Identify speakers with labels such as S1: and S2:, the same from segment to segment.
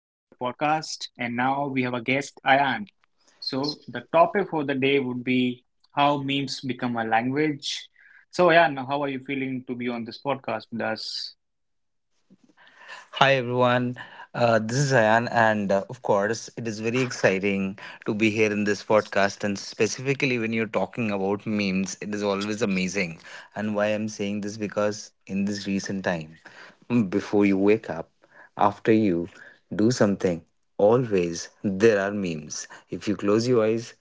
S1: And now we have a guest, Ayan. So, the topic for the day would be how memes become a language. So, Ayan, how are you feeling to be on this podcast with us?
S2: Hi everyone, this is Ayan, and of course, it is very exciting to be here in this podcast. And specifically, when you're talking about memes, it is always amazing. And why I'm saying this, because in this recent time, before you wake up, after you do something, always there are memes. If you close your eyes,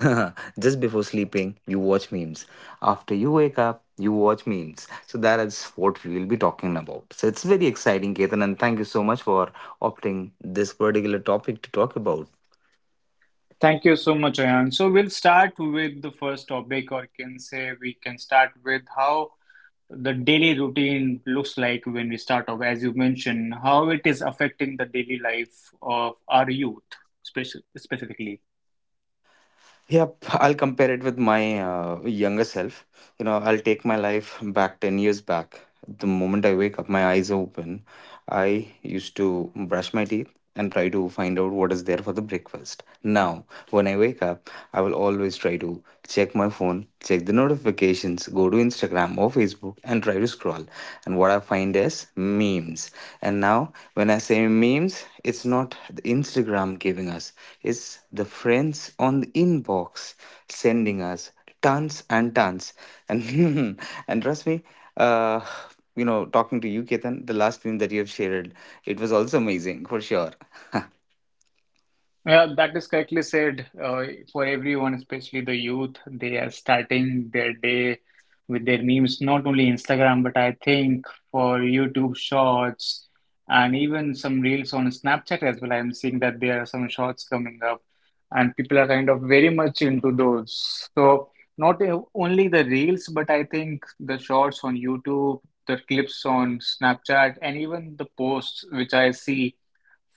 S2: just before sleeping, you watch memes. After you wake up, you watch memes. So that is what we will be talking about. So it's very exciting, Ketan, and thank you so much for opting this particular topic to talk about.
S1: Thank you so much, Ayan. So, we'll start with the first topic, or can say we can start with how the daily routine looks like when we start off, as you mentioned, how it is affecting the daily life of our youth, specifically.
S2: Yep, I'll compare it with my younger self. You know, I'll take my life back 10 years back. The moment I wake up, my eyes open. I used to brush my teeth and try to find out what is there for the breakfast. Now, when I wake up, I will always try to check my phone, check the notifications, go to Instagram or Facebook, and try to scroll, and what I find is memes. And now when I say memes, it's not the Instagram giving us, it's the friends on the inbox sending us tons and tons, and and trust me, uh talking to you, Ketan, the last meme that you have shared, it was also amazing for sure.
S1: Yeah, that is correctly said. For everyone, especially the youth, they are starting their day with their memes, not only Instagram, but I think for YouTube Shorts and even some reels on Snapchat as well. I'm seeing that there are some shorts coming up, and people are kind of very much into those. So, not only the reels, but I think the shorts on YouTube, the clips on Snapchat, and even the posts which I see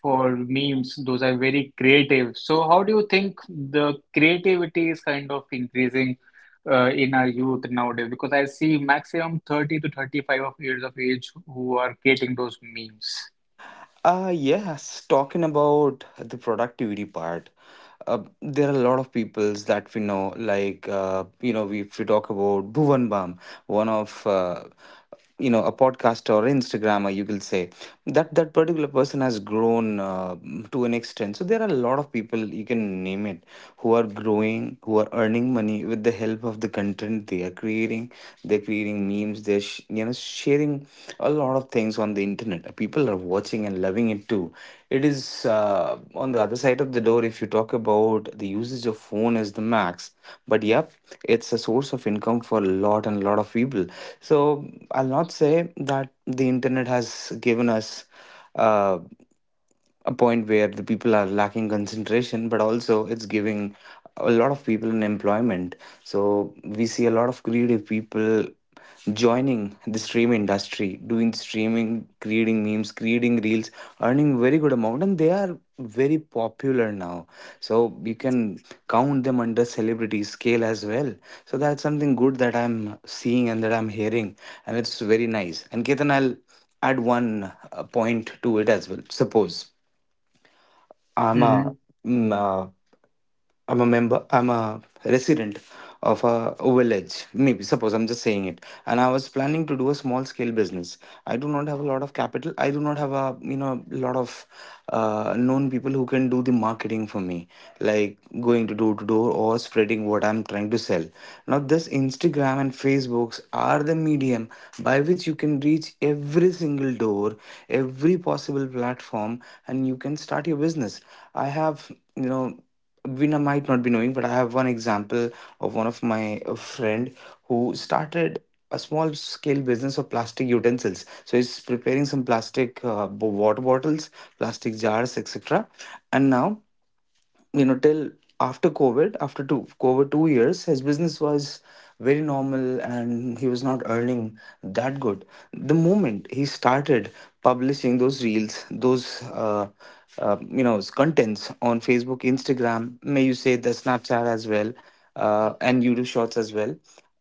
S1: for memes. Those are very creative. So how do you think the creativity is kind of increasing in our youth nowadays? Because I see maximum 30 to 35 of years of age who are creating those memes.
S2: Yes, talking about the productivity part, there are a lot of peoples that we know, like, if we talk about Bhuvan Bam, one of, a podcaster or Instagrammer, you will say that that particular person has grown to an extent. So there are a lot of people, you can name it, who are growing, who are earning money with the help of the content they are creating. They're creating memes, they're sh- you know sharing a lot of things on the internet. People are watching and loving it too. It is uh, on the other side of the door. If you talk about the usage of phone is the max, but yep, it's a source of income for a lot and a lot of people. So I'll not say that the internet has given us uh, a point where the people are lacking concentration, but also it's giving a lot of people an employment. So we see a lot of creative people joining the stream industry, doing streaming, creating memes, creating reels, earning very good amount, and they are very popular now. So you can count them under celebrity scale as well. So that's something good that I'm seeing and that I'm hearing, and it's very nice. And Ketan, I'll add one point to it as well. Suppose
S1: Mm-hmm.
S2: I'm a, mm, uh, I'm a member, I'm a resident of a village. Maybe suppose I'm just saying it, and I was planning to do a small scale business. I do not have a lot of capital. I do not have a lot of known people who can do the marketing for me, like going to door or spreading what I'm trying to sell. Now, this Instagram and Facebooks are the medium by which you can reach every single door, every possible platform, and you can start your business. I have, you know, Vina might not be knowing, but I have one example of one of my friend who started a small scale business of plastic utensils. So he's preparing some plastic water bottles, plastic jars, etc. And now, you know, till after covid, after two covid 2 years, his business was very normal, and he was not earning that good. The moment he started publishing those reels, those contents on Facebook, Instagram, may you say the Snapchat as well, and YouTube Shorts as well.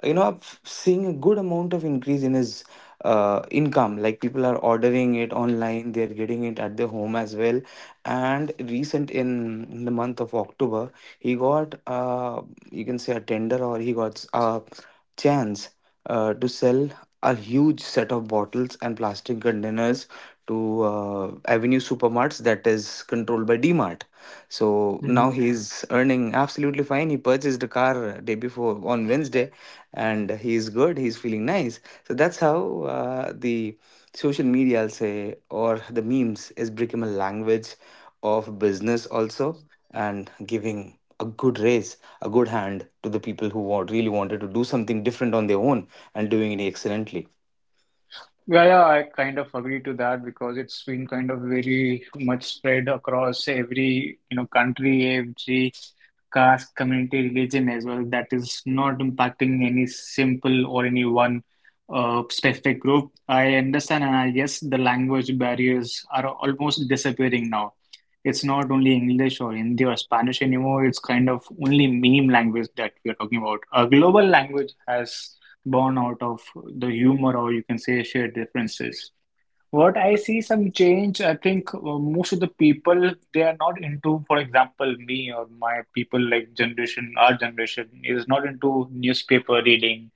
S2: You know, seeing a good amount of increase in his income. Like people are ordering it online, they're getting it at their home as well. And recent in the month of October, he got you can say a tender, or he got a chance to sell a huge set of bottles and plastic containers to Avenue Supermarts that is controlled by D Mart. So now he's earning absolutely fine. He purchased a car day before on Wednesday, and he's good. He's feeling nice. So that's how the social media, I'll say, or the memes is become a language of business also and giving a good raise, a good hand to the people who want, really wanted to do something different on their own and doing it excellently.
S1: Yeah, yeah, I kind of agree to that because it's been kind of very much spread across every, you know, country, every caste, community, religion as well. That is not impacting any simple or any one specific group. I understand, and I guess the language barriers are almost disappearing now. It's not only English or Hindi or Spanish anymore. It's kind of only meme language that we are talking about. A global language has born out of the humor or you can say shared differences. What I see some change, I think most of the people they are not into, for example, me or my people like generation, our generation is not into newspaper reading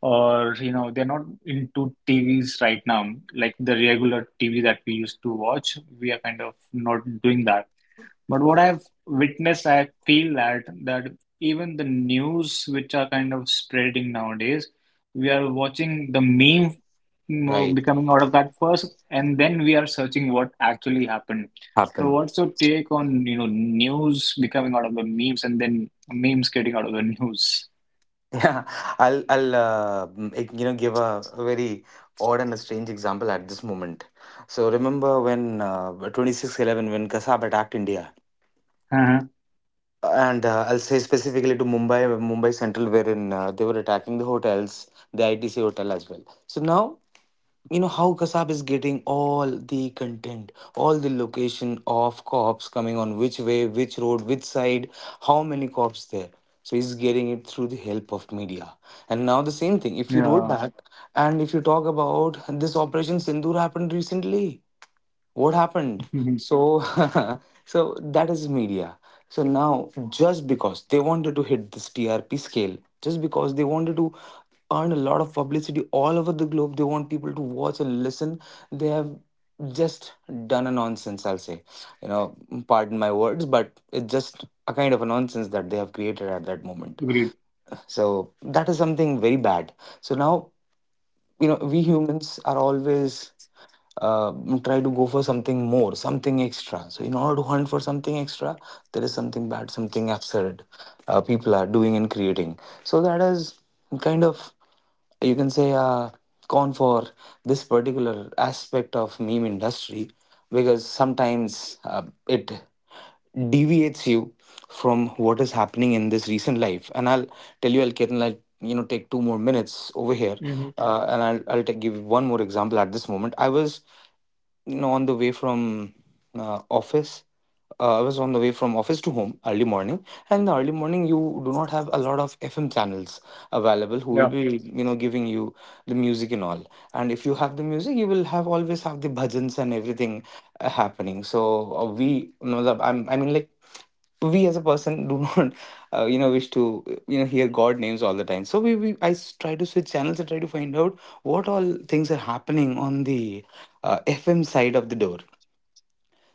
S1: or they're not into TVs right now, like the regular TV that we used to watch. We are kind of not doing that, but what I've witnessed, I feel that even the news which are kind of spreading nowadays, we are watching the meme you
S2: Right.
S1: becoming out of that first, and then we are searching what actually happened. So,
S2: Happen.
S1: what's your take on news becoming out of the memes and then memes getting out of the news?
S2: Yeah, I'll like, give a very odd and a strange example at this moment. So remember when 26/11, when Kasab attacked India,
S1: Uh-huh.
S2: and I'll say specifically to Mumbai, Mumbai Central, wherein they were attacking the hotels, the ITC hotel as well. So now, you know how Kasab is getting all the content, all the location of cops coming on which way, which road, which side, how many cops there. So he's getting it through the help of media. And now the same thing. If you
S1: Yeah,
S2: roll back and if you talk about this Operation Sindoor happened recently, what happened? So so that is media. So now, just because they wanted to hit this TRP scale, just because they wanted to earn a lot of publicity all over the globe, they want people to watch and listen, they have just done a nonsense, I'll say, you know, pardon my words, but it's just a kind of a nonsense that they have created at that moment.
S1: agreed.
S2: So that is something very bad. So now, you know, we humans are always uh, try to go for something more, something extra. So in order to hunt for something extra, there is something bad, something absurd, people are doing and creating. So that is kind of, you can say, gone for this particular aspect of meme industry. Because sometimes it deviates you from what is happening in this recent life. And I'll tell you, I'll Kiran, I'll take 2 more minutes over here,
S1: Hmm.
S2: and I'll give one more example at this moment. I was on the way from office. I was on the way from office to home early morning, and in the early morning you do not have a lot of FM channels available. Who will
S1: Yeah,
S2: be, you know, giving you the music and all? And if you have the music, you will have always have the bhajans and everything happening. So we, matlab, I mean, like, we as a person do not wish to hear god names all the time. So we try to switch channels and try to find out what all things are happening on the FM side of the door.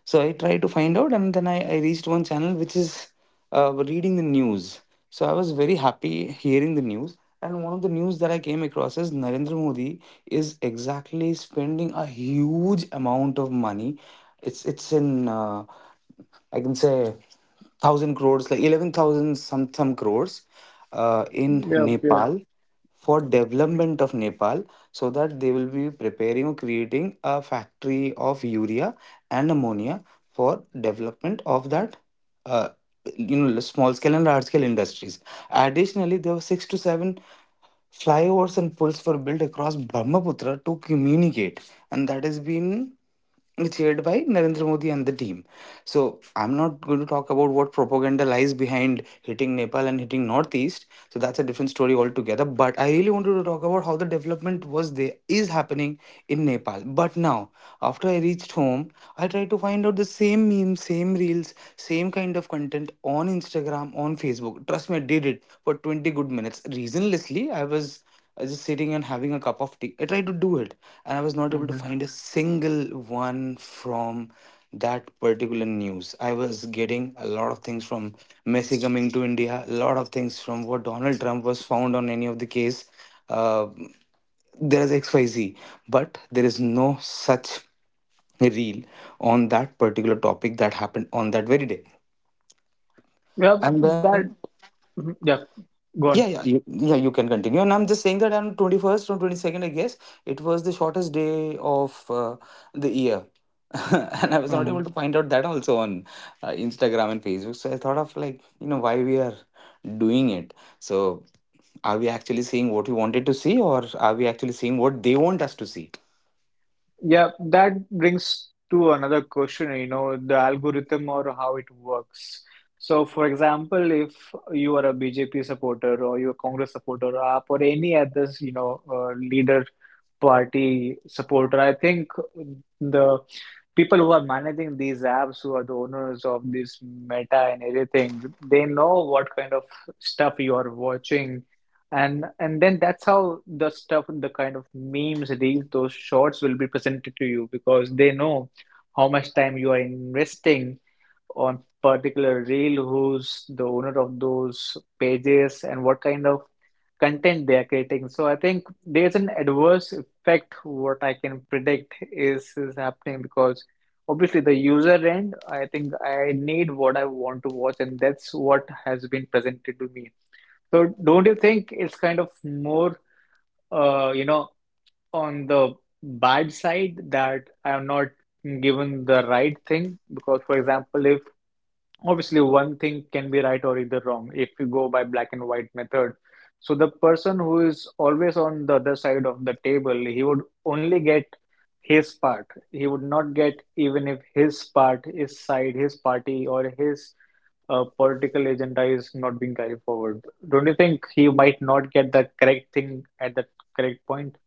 S2: So I tried to find out, and then I reached one channel which is reading the news. So I was very happy hearing the news. And one of the news that I came across is Narendra Modi is exactly spending a huge amount of money. It's in I can say thousand crores, like 11,000 some crores, in
S1: yeah, yeah.
S2: Nepal for
S1: Mhm.
S2: development of Nepal, so that they will be preparing or creating a factory of urea and ammonia for development of that uh, small scale and large scale industries. Additionally, there were 6 to 7 flyovers and pulls were built across Brahmaputra to communicate, and that has been chaired by Narendra Modi and the team. So I'm not going to talk about what propaganda lies behind hitting Nepal and hitting Northeast. So that's a different story altogether. But I really wanted to talk about how the development was there is happening in Nepal. But now, after I reached home, I try to find out the same memes, same reels, same kind of content on Instagram, on Facebook. Trust me, I did it for 20 good minutes. Reasonlessly, I was just sitting and having a cup of tea. I tried to do it, and I was not able to
S1: Mhm.
S2: find a single one from that particular news. I was getting a lot of things from Messi coming to India, a lot of things from what Donald Trump was found on any of the case. Uh, there is xyz, but there is no such reel on that particular topic that happened on that very day.
S1: Yeah,
S2: And then
S1: that. Mhm. Yeah,
S2: yeah
S1: go
S2: yeah yeah, you can continue. And I'm just saying that on 21st or 22nd, I guess, it was the shortest day of the year. And I was not able
S1: on.
S2: to find out that also on Instagram and Facebook. So I thought of, like, why we are doing it. So, are we actually seeing what we wanted to see, or are we actually seeing what they want us to see?
S1: Yeah, that brings to another question, you know, the algorithm or how it works. So, for example, if you are a BJP supporter or you're a Congress supporter or AAP or any other, you know, leader party supporter, I think the people who are managing these apps, who are the owners of this Meta and everything, they know what kind of stuff you are watching, and then that's how the stuff, the kind of memes, reels, those shorts will be presented to you because they know how much time you are investing on particular reel, who's the owner of those pages, and what kind of content they are creating. So I think there's an adverse effect. What I can predict is happening because obviously the user end, I think I need what I want to watch, and that's what has been presented to me. So don't you think it's kind of more, uh, you know, on the bad side that I am not given the right thing? Because, for example, if obviously one thing can be right or either wrong, if you go by black and white method, so the person who is always on the other side of the table, he would only get his part. He would not get even if his part, his side, his party, or his political agenda is not being carried forward. Don't you think he might not get the correct thing at the correct point?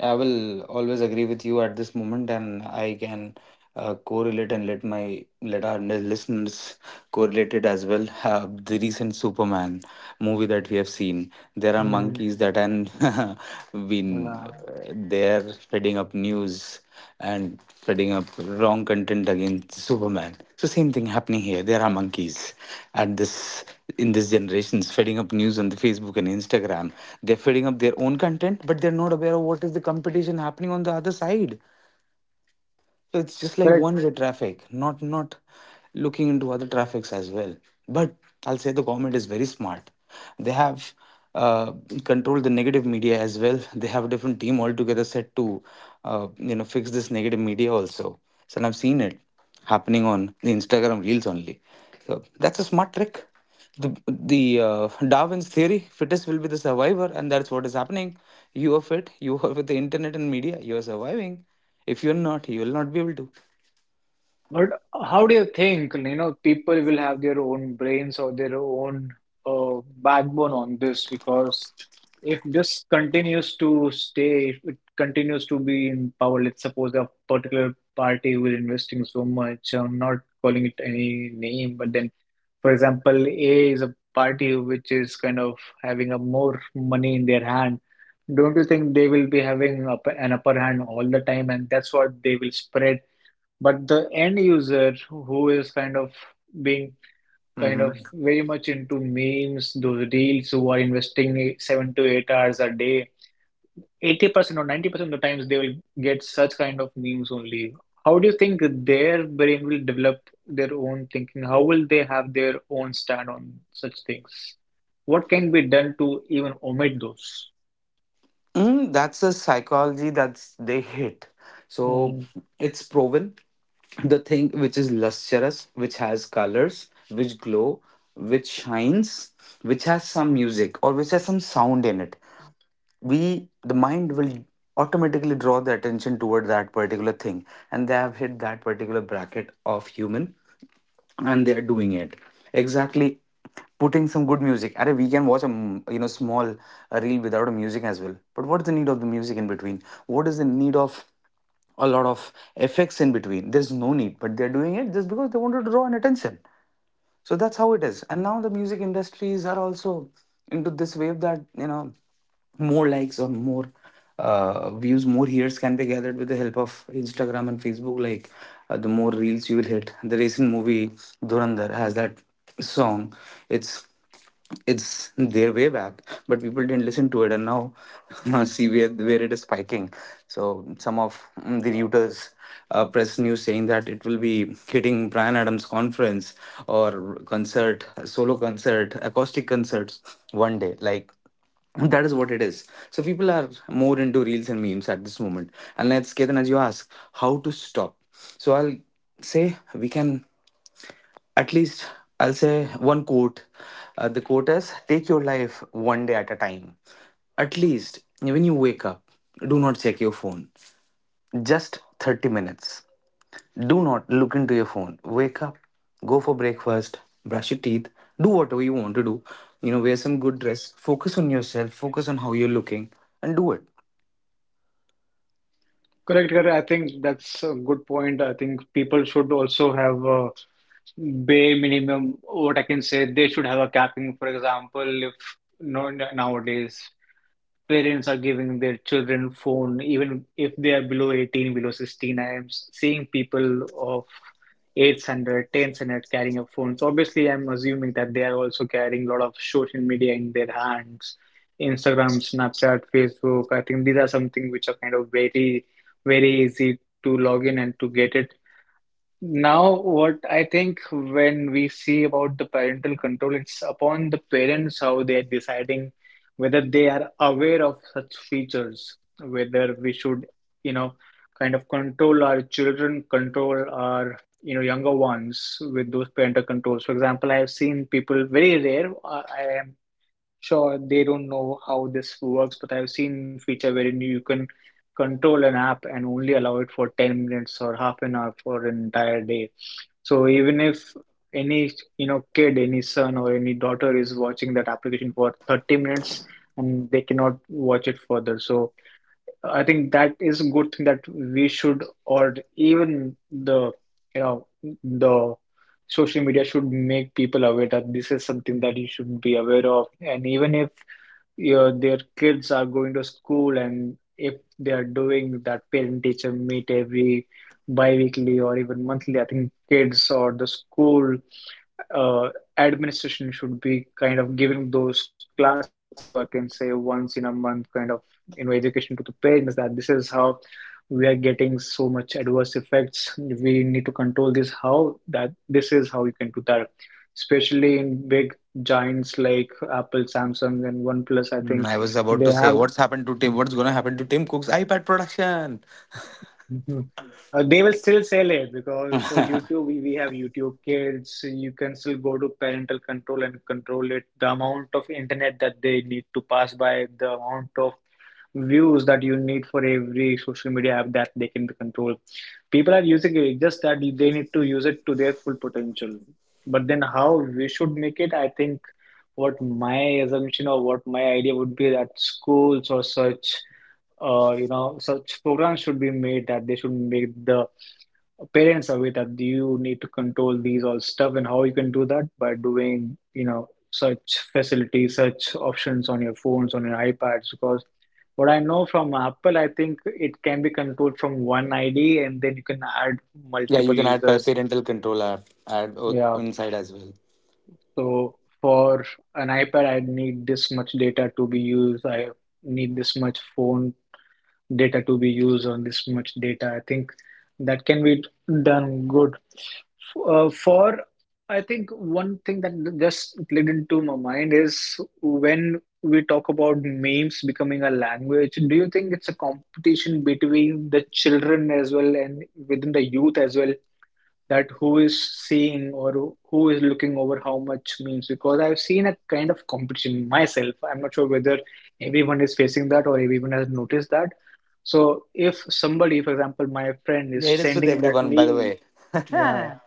S2: I will always agree with you at this moment, and I can correlate and let my let our listeners correlate it as well. The recent Superman movie that we have seen. There are
S1: Hmm.
S2: monkeys that have been
S1: Yeah,
S2: there spreading up news and spreading up wrong content against Superman. So same thing happening here. There are monkeys at this in this generation spreading up news on the Facebook and Instagram. They're feeding up their own content, but they're not aware of what is the competition happening on the other side. So it's just like
S1: correct.
S2: one way traffic, not looking into other traffics as well. But I'll say the government is very smart. They have uh, controlled the negative media as well. They have a different team altogether set to fix this negative media also. So, and I've seen it happening on the Instagram reels only. So that's a smart trick, the Darwin's theory, fittest will be the survivor, and that's what is happening. You are fit. You are with the internet and media. You are surviving. If you're not, you will not be able
S1: But how do you think, you know, people will have their own brains or their own backbone on this? Because if this continues to stay, if it continues to be in power, let's suppose a particular party will investing so much, I'm not calling it any name, but then for example, A is a party which is kind of having a more money in their hand. Don't you think they will be having an upper hand all the time, and that's what they will spread? But the end user who is kind of being kind
S2: to.
S1: of very much into memes, those reels who are investing 7 to 8 hours a day, 80% or 90% of the times they will get such kind of memes only. How do you think their brain will develop their own thinking? How will they have their own stand on such things? What can be done to even omit those?
S2: That's a psychology that's they hit. So
S1: Hmm.
S2: it's proven, the thing which is lustrous, which has colors, which glow, which shines, which has some music or which has some sound in it. We The mind will automatically draw the attention toward that particular thing, and they have hit that particular bracket of human, and they're doing it exactly putting some good music. Arre, we can watch a small reel without a music as well, but what's the need of the music in between? What is the need of a lot of effects in between? There's no need, but they're doing it just because they wanted to draw an attention. So that's how it is, and now the music industries are also into this wave that more likes or more views, more hears can be gathered with the help of Instagram and Facebook. Like, the more reels you will hit, the recent movie Durandar has that song. It's it's there way back, but people didn't listen to it, and now see where it is spiking. So some of the Reuters press news saying that it will be hitting Brian Adams conference or concert, solo concert, acoustic concerts one day. Like, that is what it is. So people are more into reels and memes at this moment. And let's, Ketan, as you ask how to stop, so I'll say we can, at least, I'll say one quote. The quote is, take your life one day at a time. At least when you wake up, do not check your phone. Just 30 minutes. Do not look into your phone. Wake up, go for breakfast, brush your teeth, do whatever you want to do. You know, wear some good dress, focus on yourself, focus on how you're looking, and do it.
S3: Correct, correct. I think that's a good point. I think people should also have a bare minimum. What I can say, they should have a capping. For example, if no nowadays parents are giving their children phone even if they are below 18, below 16. I am seeing people of eight, hundred, ten, hundred standard, 10th standard carrying up phones. Obviously, I'm assuming that they are also carrying a lot of social media in their hands. Instagram, snapchat, facebook, I think these are something which are kind of very easy to log in and to get it. Now, what I think when we see about the parental control, it's upon the parents how they are deciding whether they are aware of such features, whether we should, you know, kind of control our children, control our younger ones with those parental controls. For example, I have seen people very rare. I am sure they don't know how this works, but I've seen feature wherein you can control an app and only allow it for 10 minutes or half an hour for an entire day. So even if any kid, any son or any daughter is watching that application for 30 minutes and they cannot watch it further. So I think that is a good thing that we should, or even the you know the social media should make people aware that this is something that you should be aware of. And even if your their kids are going to school and if they are doing that parent teacher meet every bi-weekly or even monthly, I think kids or the school uh, administration should be kind of giving those classes, or I can say once in a month, kind of education to the parents, that this is how we are getting so much adverse effects. We need to control this. How, that this is how you can do that, especially in big giants like Apple, Samsung, and OnePlus. I think
S2: I was about to
S3: they
S2: say,
S3: have.
S2: what's happened to Tim? What's going to happen to Tim Cook's iPad production?
S3: Mhm. They will still sell it because for YouTube, we have YouTube Kids. You can still go to parental control and control it. The amount of internet that they need to pass by, the amount of views that you need for every social media app, that they can control. People are using it, just that they need to use it to their full potential. But then, how we should make it, I think what my assumption or what my idea would be, that schools or such such programs should be made that they should make the parents aware that you need to control these all stuff and how you can do that by doing, such facilities, such options on your phones, on your iPads. Because what I know from Apple, I think it can be controlled from one ID and then you can add
S2: Yeah, you
S3: multiple
S2: can add
S3: users.
S2: parental control app, add
S3: Yeah.
S2: inside as well.
S3: So for an iPad, I need this much data to be used. I need this much phone data to be used on this much data. I think that can be done good. For I think one thing that just slid into my mind is, when we talk about memes becoming a language, do you think it's a competition between the children as well and within the youth as well? That who is seeing or who is looking over how much means, because I've seen a kind of competition myself. I'm not sure whether everyone is facing that or everyone has noticed that. So if somebody, for example, my friend
S2: Yeah,
S3: is
S2: it is with
S3: sending that
S2: everyone, by the
S3: meme,
S2: way.
S3: yeah.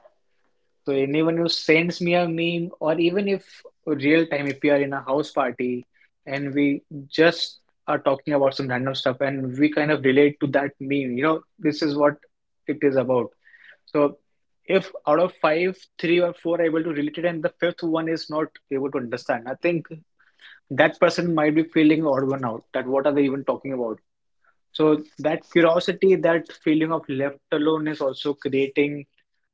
S3: So anyone who sends me a meme, or even if real time, if we are in a house party and we just are talking about some random stuff and we kind of relate to that meme, you know, this is what it is about. So if out of five, three or four are able to relate it and the fifth one is not able to understand, I think that person might be feeling odd one out, that what are they even talking about? So that curiosity, that feeling of left alone is also creating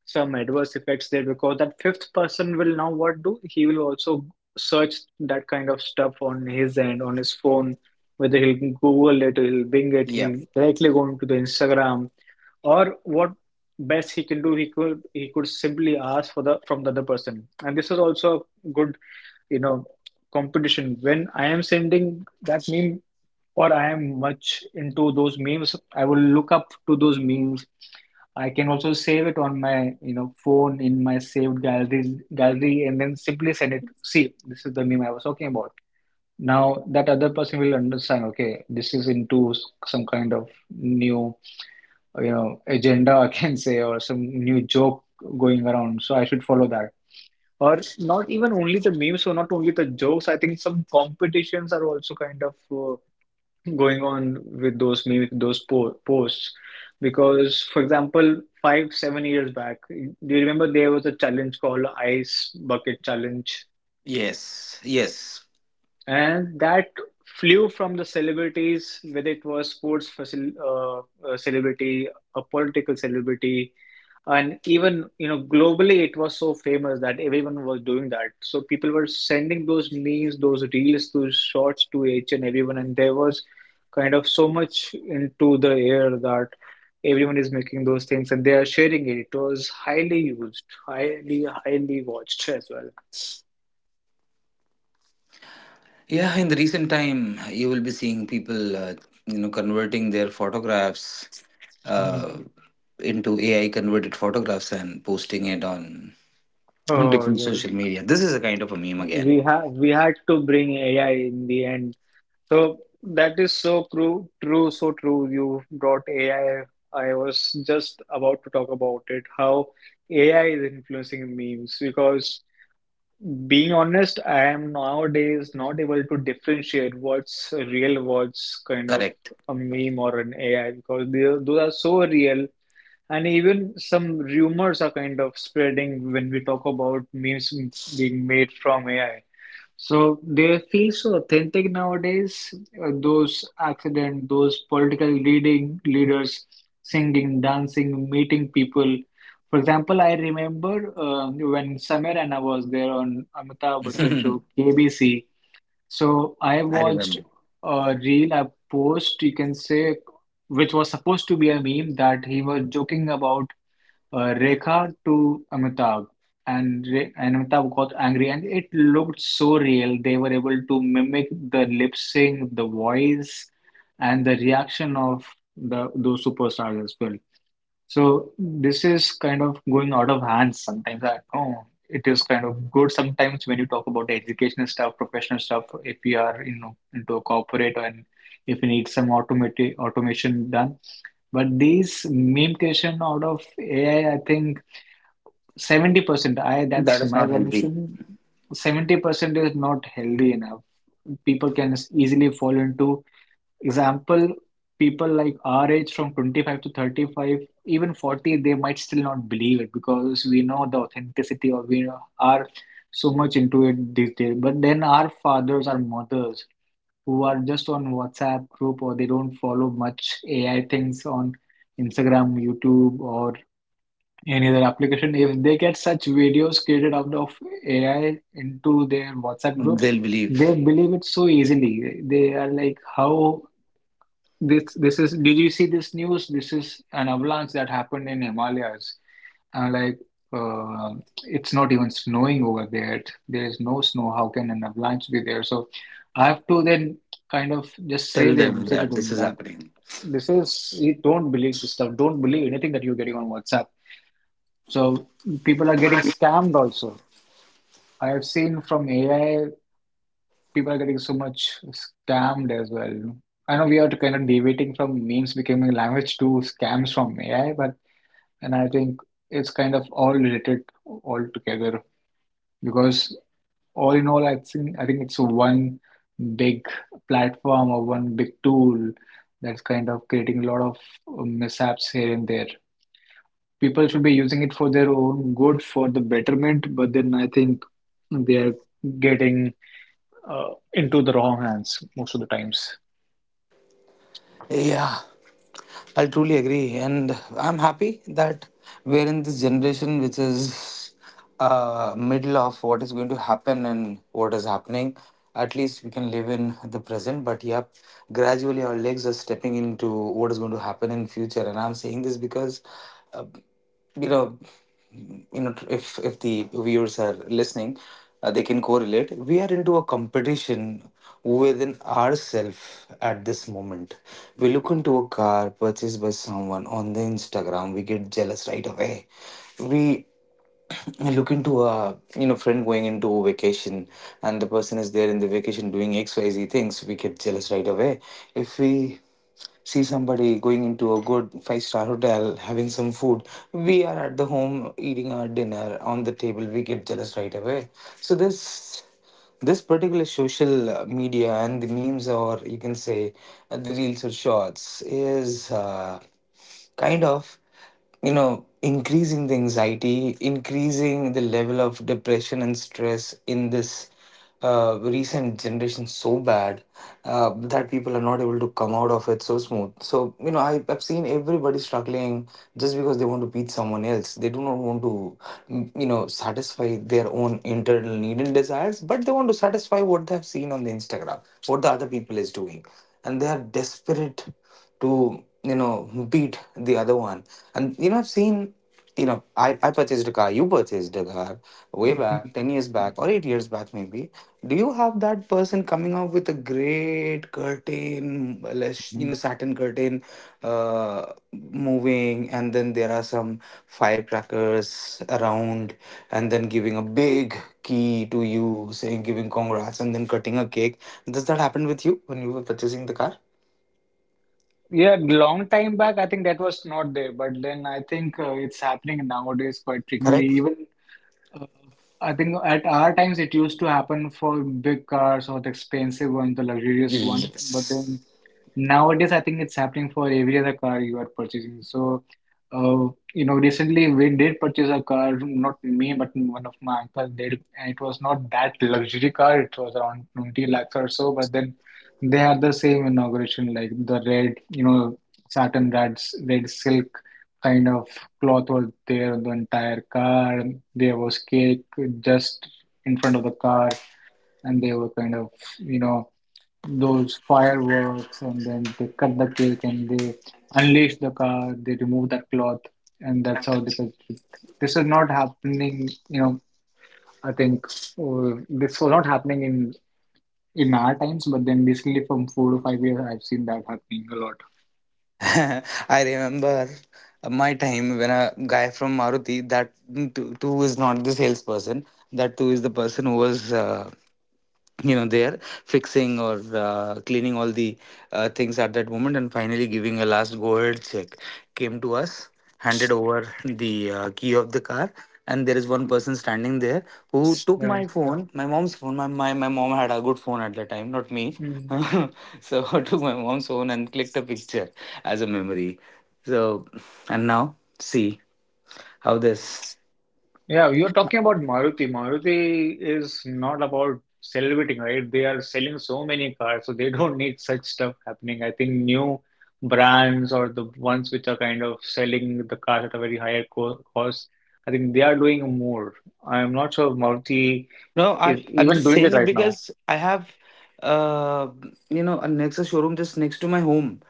S3: some adverse effects there, because that fifth person will now what do? He will also search that kind of stuff on his end, on his phone, whether he'll Google it, he'll Bing it,
S2: Yeah,
S3: he'll directly go into the Instagram, or what best he can do, he could simply ask for the from the other person. And this is also a good, you know, competition. When I am sending that meme or I am much into those memes, I will look up to those memes. I can also save it on my, you know, phone, in my saved galleries gallery, and then simply send it. See, this is the meme I was talking about. Now that other person will understand, okay, this is into some kind of new, you know, agenda, I can say, or some new joke going around, so I should follow that. Or not even only the memes, so not only the jokes, I think some competitions are also kind of going on with those memes, with those po posts. Because, for example, 5 7 years back, do you remember there was a challenge called ice bucket challenge.
S2: yes, yes.
S3: And that flew from the celebrities, whether it was sports facil celebrity, a political celebrity, and even, you know, globally it was so famous that everyone was doing that. So people were sending those memes, those reels, those shorts to each and everyone, and there was kind of so much into the air that everyone is making those things and they are sharing it. It was highly used, highly watched as
S2: Yeah, in the recent time, you will be seeing people, converting their photographs
S3: well.
S2: uh, into AI converted photographs and posting it on
S3: Oh,
S2: different
S3: yeah.
S2: social media. This is a kind of a meme again.
S3: We had to bring AI in the end. So that is so true, true. You brought AI. I was just about to talk about it, how AI is influencing memes. Because being honest, I am nowadays not able to differentiate what's real, what's kind of
S2: Correct.
S3: a meme or an AI, because those are so real. And even some rumors are kind of spreading when we talk about memes being made from AI. So they feel so authentic nowadays. Those accident, those political leading leaders, singing, dancing, meeting people. For example, I remember when Samir and I was there on Amitabh Bachchan
S2: I
S3: show KBC. So I watched
S2: remember.
S3: a reel, a post, you can say, which was supposed to be a meme that he was joking about, Rekha to Amitabh, and Amitabh got angry, and it looked so real. They were able to mimic the lip sync, the voice, and the reaction of the those superstars as well. So this is kind of going out of hands sometimes. I know it is kind of good sometimes when you talk about educational stuff, professional stuff. If you are, you know, into a corporate, and if you need some automatic automation done, but these meme creation out of AI, I think 70%. I,
S2: That
S3: that's
S2: is
S3: my
S2: not healthy.
S3: assumption. Seventy percent is not healthy enough. People can easily fall into. Example, people like our age from 25 to 35, even 40, they might still not believe it, because we know the authenticity, or we are so much into it these days. But then our fathers, our mothers, who are just on WhatsApp group, or they don't follow much AI things on Instagram, YouTube, or any other application, if they get such videos created out of AI into their WhatsApp groups,
S2: They'll believe.
S3: they believe it so easily. They are like, how this is did you see this news? This is an avalanche that happened in Himalayas. And like uh, it's not even snowing over there. There is no snow. How can an avalanche be there? So I have to then kind of
S2: Tell them
S3: say to
S2: that this
S3: them
S2: is
S3: that,
S2: happening.
S3: this is you don't believe this stuff. Don't believe anything that you're getting on WhatsApp. So people are getting scammed also. I have seen from AI. People are getting so much scammed as well, you know. I know we are kind of deviating from memes becoming a language to scams from AI, but and I think it's kind of all related all together, because all in all, I think it's one big platform or one big tool that's kind of creating a lot of mishaps here and there. People should be using it for their own good, for the betterment, but then I think they are getting into the wrong hands most of the times.
S2: Yeah. I'll truly agree, and I'm happy that we're in this generation, which is middle of what is going to happen and what is happening. At least we can live in the present, but yep, gradually our legs are stepping into what is going to happen in future. And I'm saying this because uh, you know if the viewers are listening, they can correlate, we are into a competition within ourselves at this moment. We look into a car purchased by someone on the Instagram, we get jealous right away. We I look into a friend going into a vacation, and the person is there in the vacation doing xyz things, we get jealous right away. If we see somebody going into a good five-star hotel having some food, we are at the home eating our dinner on the table, we get jealous right away. So this particular social media and the memes, or you can say, the reels or shorts is kind of you know increasing the anxiety, increasing the level of depression and stress in this recent generation so bad, that people are not able to come out of it so smooth. So, I've seen everybody struggling just because they want to beat someone else, they do not want to satisfy their own internal need and desires, but they want to satisfy what they've seen on the Instagram, what the other people is doing. And they are desperate to you know beat the other one. And I've seen, I purchased a car, you purchased a car way back,
S3: Mhm.
S2: 10 years back or 8 years back, maybe. Do you have that person coming up with a great curtain, less, satin curtain moving, and then there are some firecrackers around, and then giving a big key to you, saying, giving congrats, and then cutting a cake? Does that happen with you when you were purchasing the car?
S3: Yeah, long time back, I think that was not there, but then I think it's happening nowadays quite frequently.
S2: Correct?
S3: Even uh, I think at our times it used to happen for big cars or the expensive ones, the luxurious ones, but then
S2: Yes.
S3: nowadays, I think it's happening for every other car you are purchasing. So, recently we did purchase a car, not me, but one of my uncle did, and it was not that luxury car. It was around 20 lakhs or so, but then they had the same inauguration, like the red, satin red, red silk kind of cloth was there on the entire car. There was cake just in front of the car, and they were kind of, you know those fireworks, and then they cut the cake and they unleash the car, they remove that cloth, and that's how they felt it. This is not happening, I think this was not happening in our times, but then basically from 4 to 5 years, I've seen that happening a lot.
S2: I remember my time when a guy from Maruti, that too is not the salesperson, that too is the person who was, there fixing or cleaning all the things at that moment and finally giving a last go ahead check. Came to us, handed over the key of the car. And there is one person standing there who took
S3: Yeah.
S2: my phone, my mom's phone. My mom had a good phone at that time, not me.
S3: Mm.
S2: So I took my mom's phone and clicked a picture as a memory. So, and now see how this.
S3: Yeah, you're talking about Maruti. Maruti is not about celebrating, right? They are selling so many cars, so they don't need such stuff happening. I think new brands or the ones which are kind of selling the cars at a very higher co cost, I think they are doing more. I'm not sure if Maruti
S2: No,
S3: is
S2: I'm
S3: even
S2: just
S3: doing it
S2: saying it
S3: right now.
S2: because I have uh a Nexus showroom just next to my home.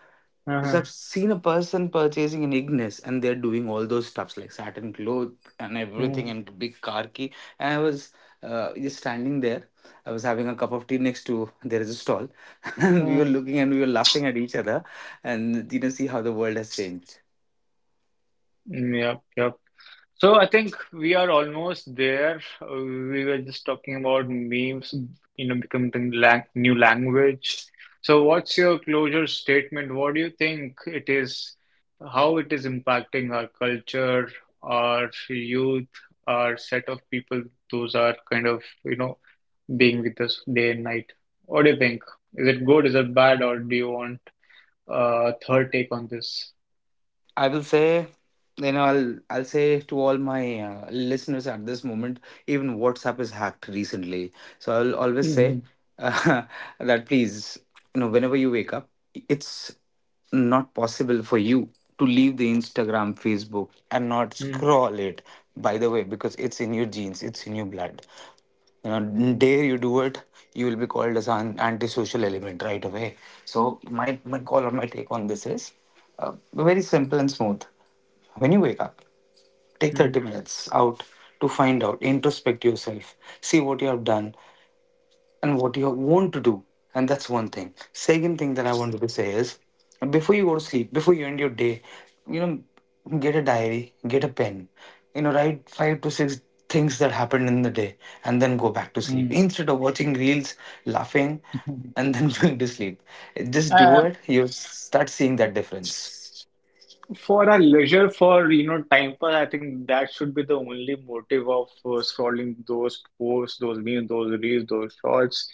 S2: So
S3: Uh-huh.
S2: I've seen a person purchasing an Ignis, and they're doing all those stuffs like satin cloth and everything and big car key. And I was just standing there. I was having a cup of tea, next to there is a stall, and we were
S3: Mm-hmm.
S2: looking, and we were laughing at each other, and see how the world has changed.
S3: Yep, yep. So I think we are almost there. We were just talking about memes, becoming the lang new language. So what's your closure statement? What do you think it is, how it is impacting our culture, our youth, our set of people, those are kind of, being with us day and night. What do you think? Is it good? Is it bad? Or do you want a third take on this?
S2: I will say, you know, I'll say to all my listeners at this moment, even WhatsApp is hacked recently. So I'll always
S3: Hmm.
S2: say, uh, that please, whenever you wake up, it's not possible for you to leave the Instagram, Facebook, and not scroll it. By the way, because it's in your genes, it's in your blood, dare you do it, you will be called as an antisocial element right away. So my call or my take on this is very simple and smooth. When you wake up, take 30
S3: Hmm.
S2: minutes out to find out, introspect yourself, see what you have done, and what you want to do. And that's one thing. Second thing that I wanted to say is, before you go to sleep, before you end your day, you know, get a diary, get a pen, you know, write five to six things that happened in the day, and then go back
S3: Hmm.
S2: to sleep instead of watching reels, laughing, and then going to sleep. Just do
S3: Hmm.
S2: it, you'll start seeing that difference.
S3: For our leisure, for time pass, I think that should be the only motive of scrolling those posts, those memes, those reels, those shorts,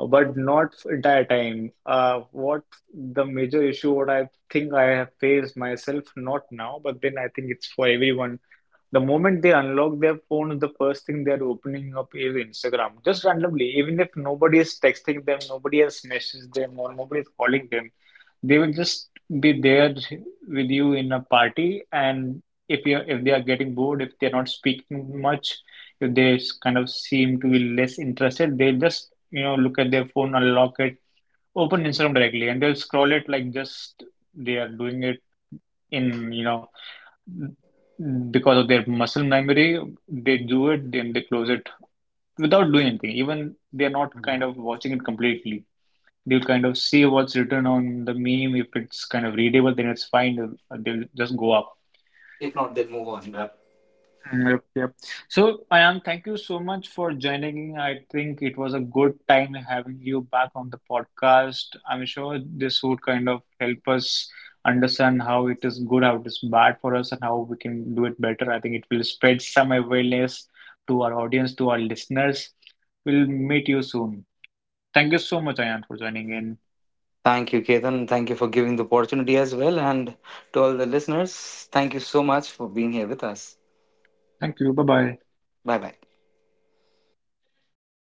S3: but not for entire time. What the major issue, what I think I have faced myself, not now, but then I think it's for everyone the moment they unlock their phones, the first thing they're opening up is Instagram, just randomly. Even if nobody is texting them, nobody has messaged them, or nobody is calling them, they will just be there with you in a party. And if they are getting bored, if they're not speaking much, if they kind of seem to be less interested, they just look at their phone, unlock it, open Instagram directly, and they'll scroll it like just they are doing it in because of their muscle memory, they do it, then they close it without doing anything. Even they're not kind of watching it completely. They'll kind of see what's written on the meme. If it's kind of readable, then it's fine. They'll just go up.
S2: If not, then move on. Yeah.
S3: Yep, yep. So, Ayan, thank you so much for joining. I think it was a good time having you back on the podcast. I'm sure this would kind of help us understand how it is good, how it is bad for us, and how we can do it better. I think it will spread some awareness to our audience, to our listeners. We'll meet you soon. Thank you so much, Ayan, for joining in.
S2: Thank you, Ketan. Thank you for giving the opportunity as well. And to all the listeners, thank you so much for being here with us.
S3: Thank you. Bye bye.
S2: Bye bye.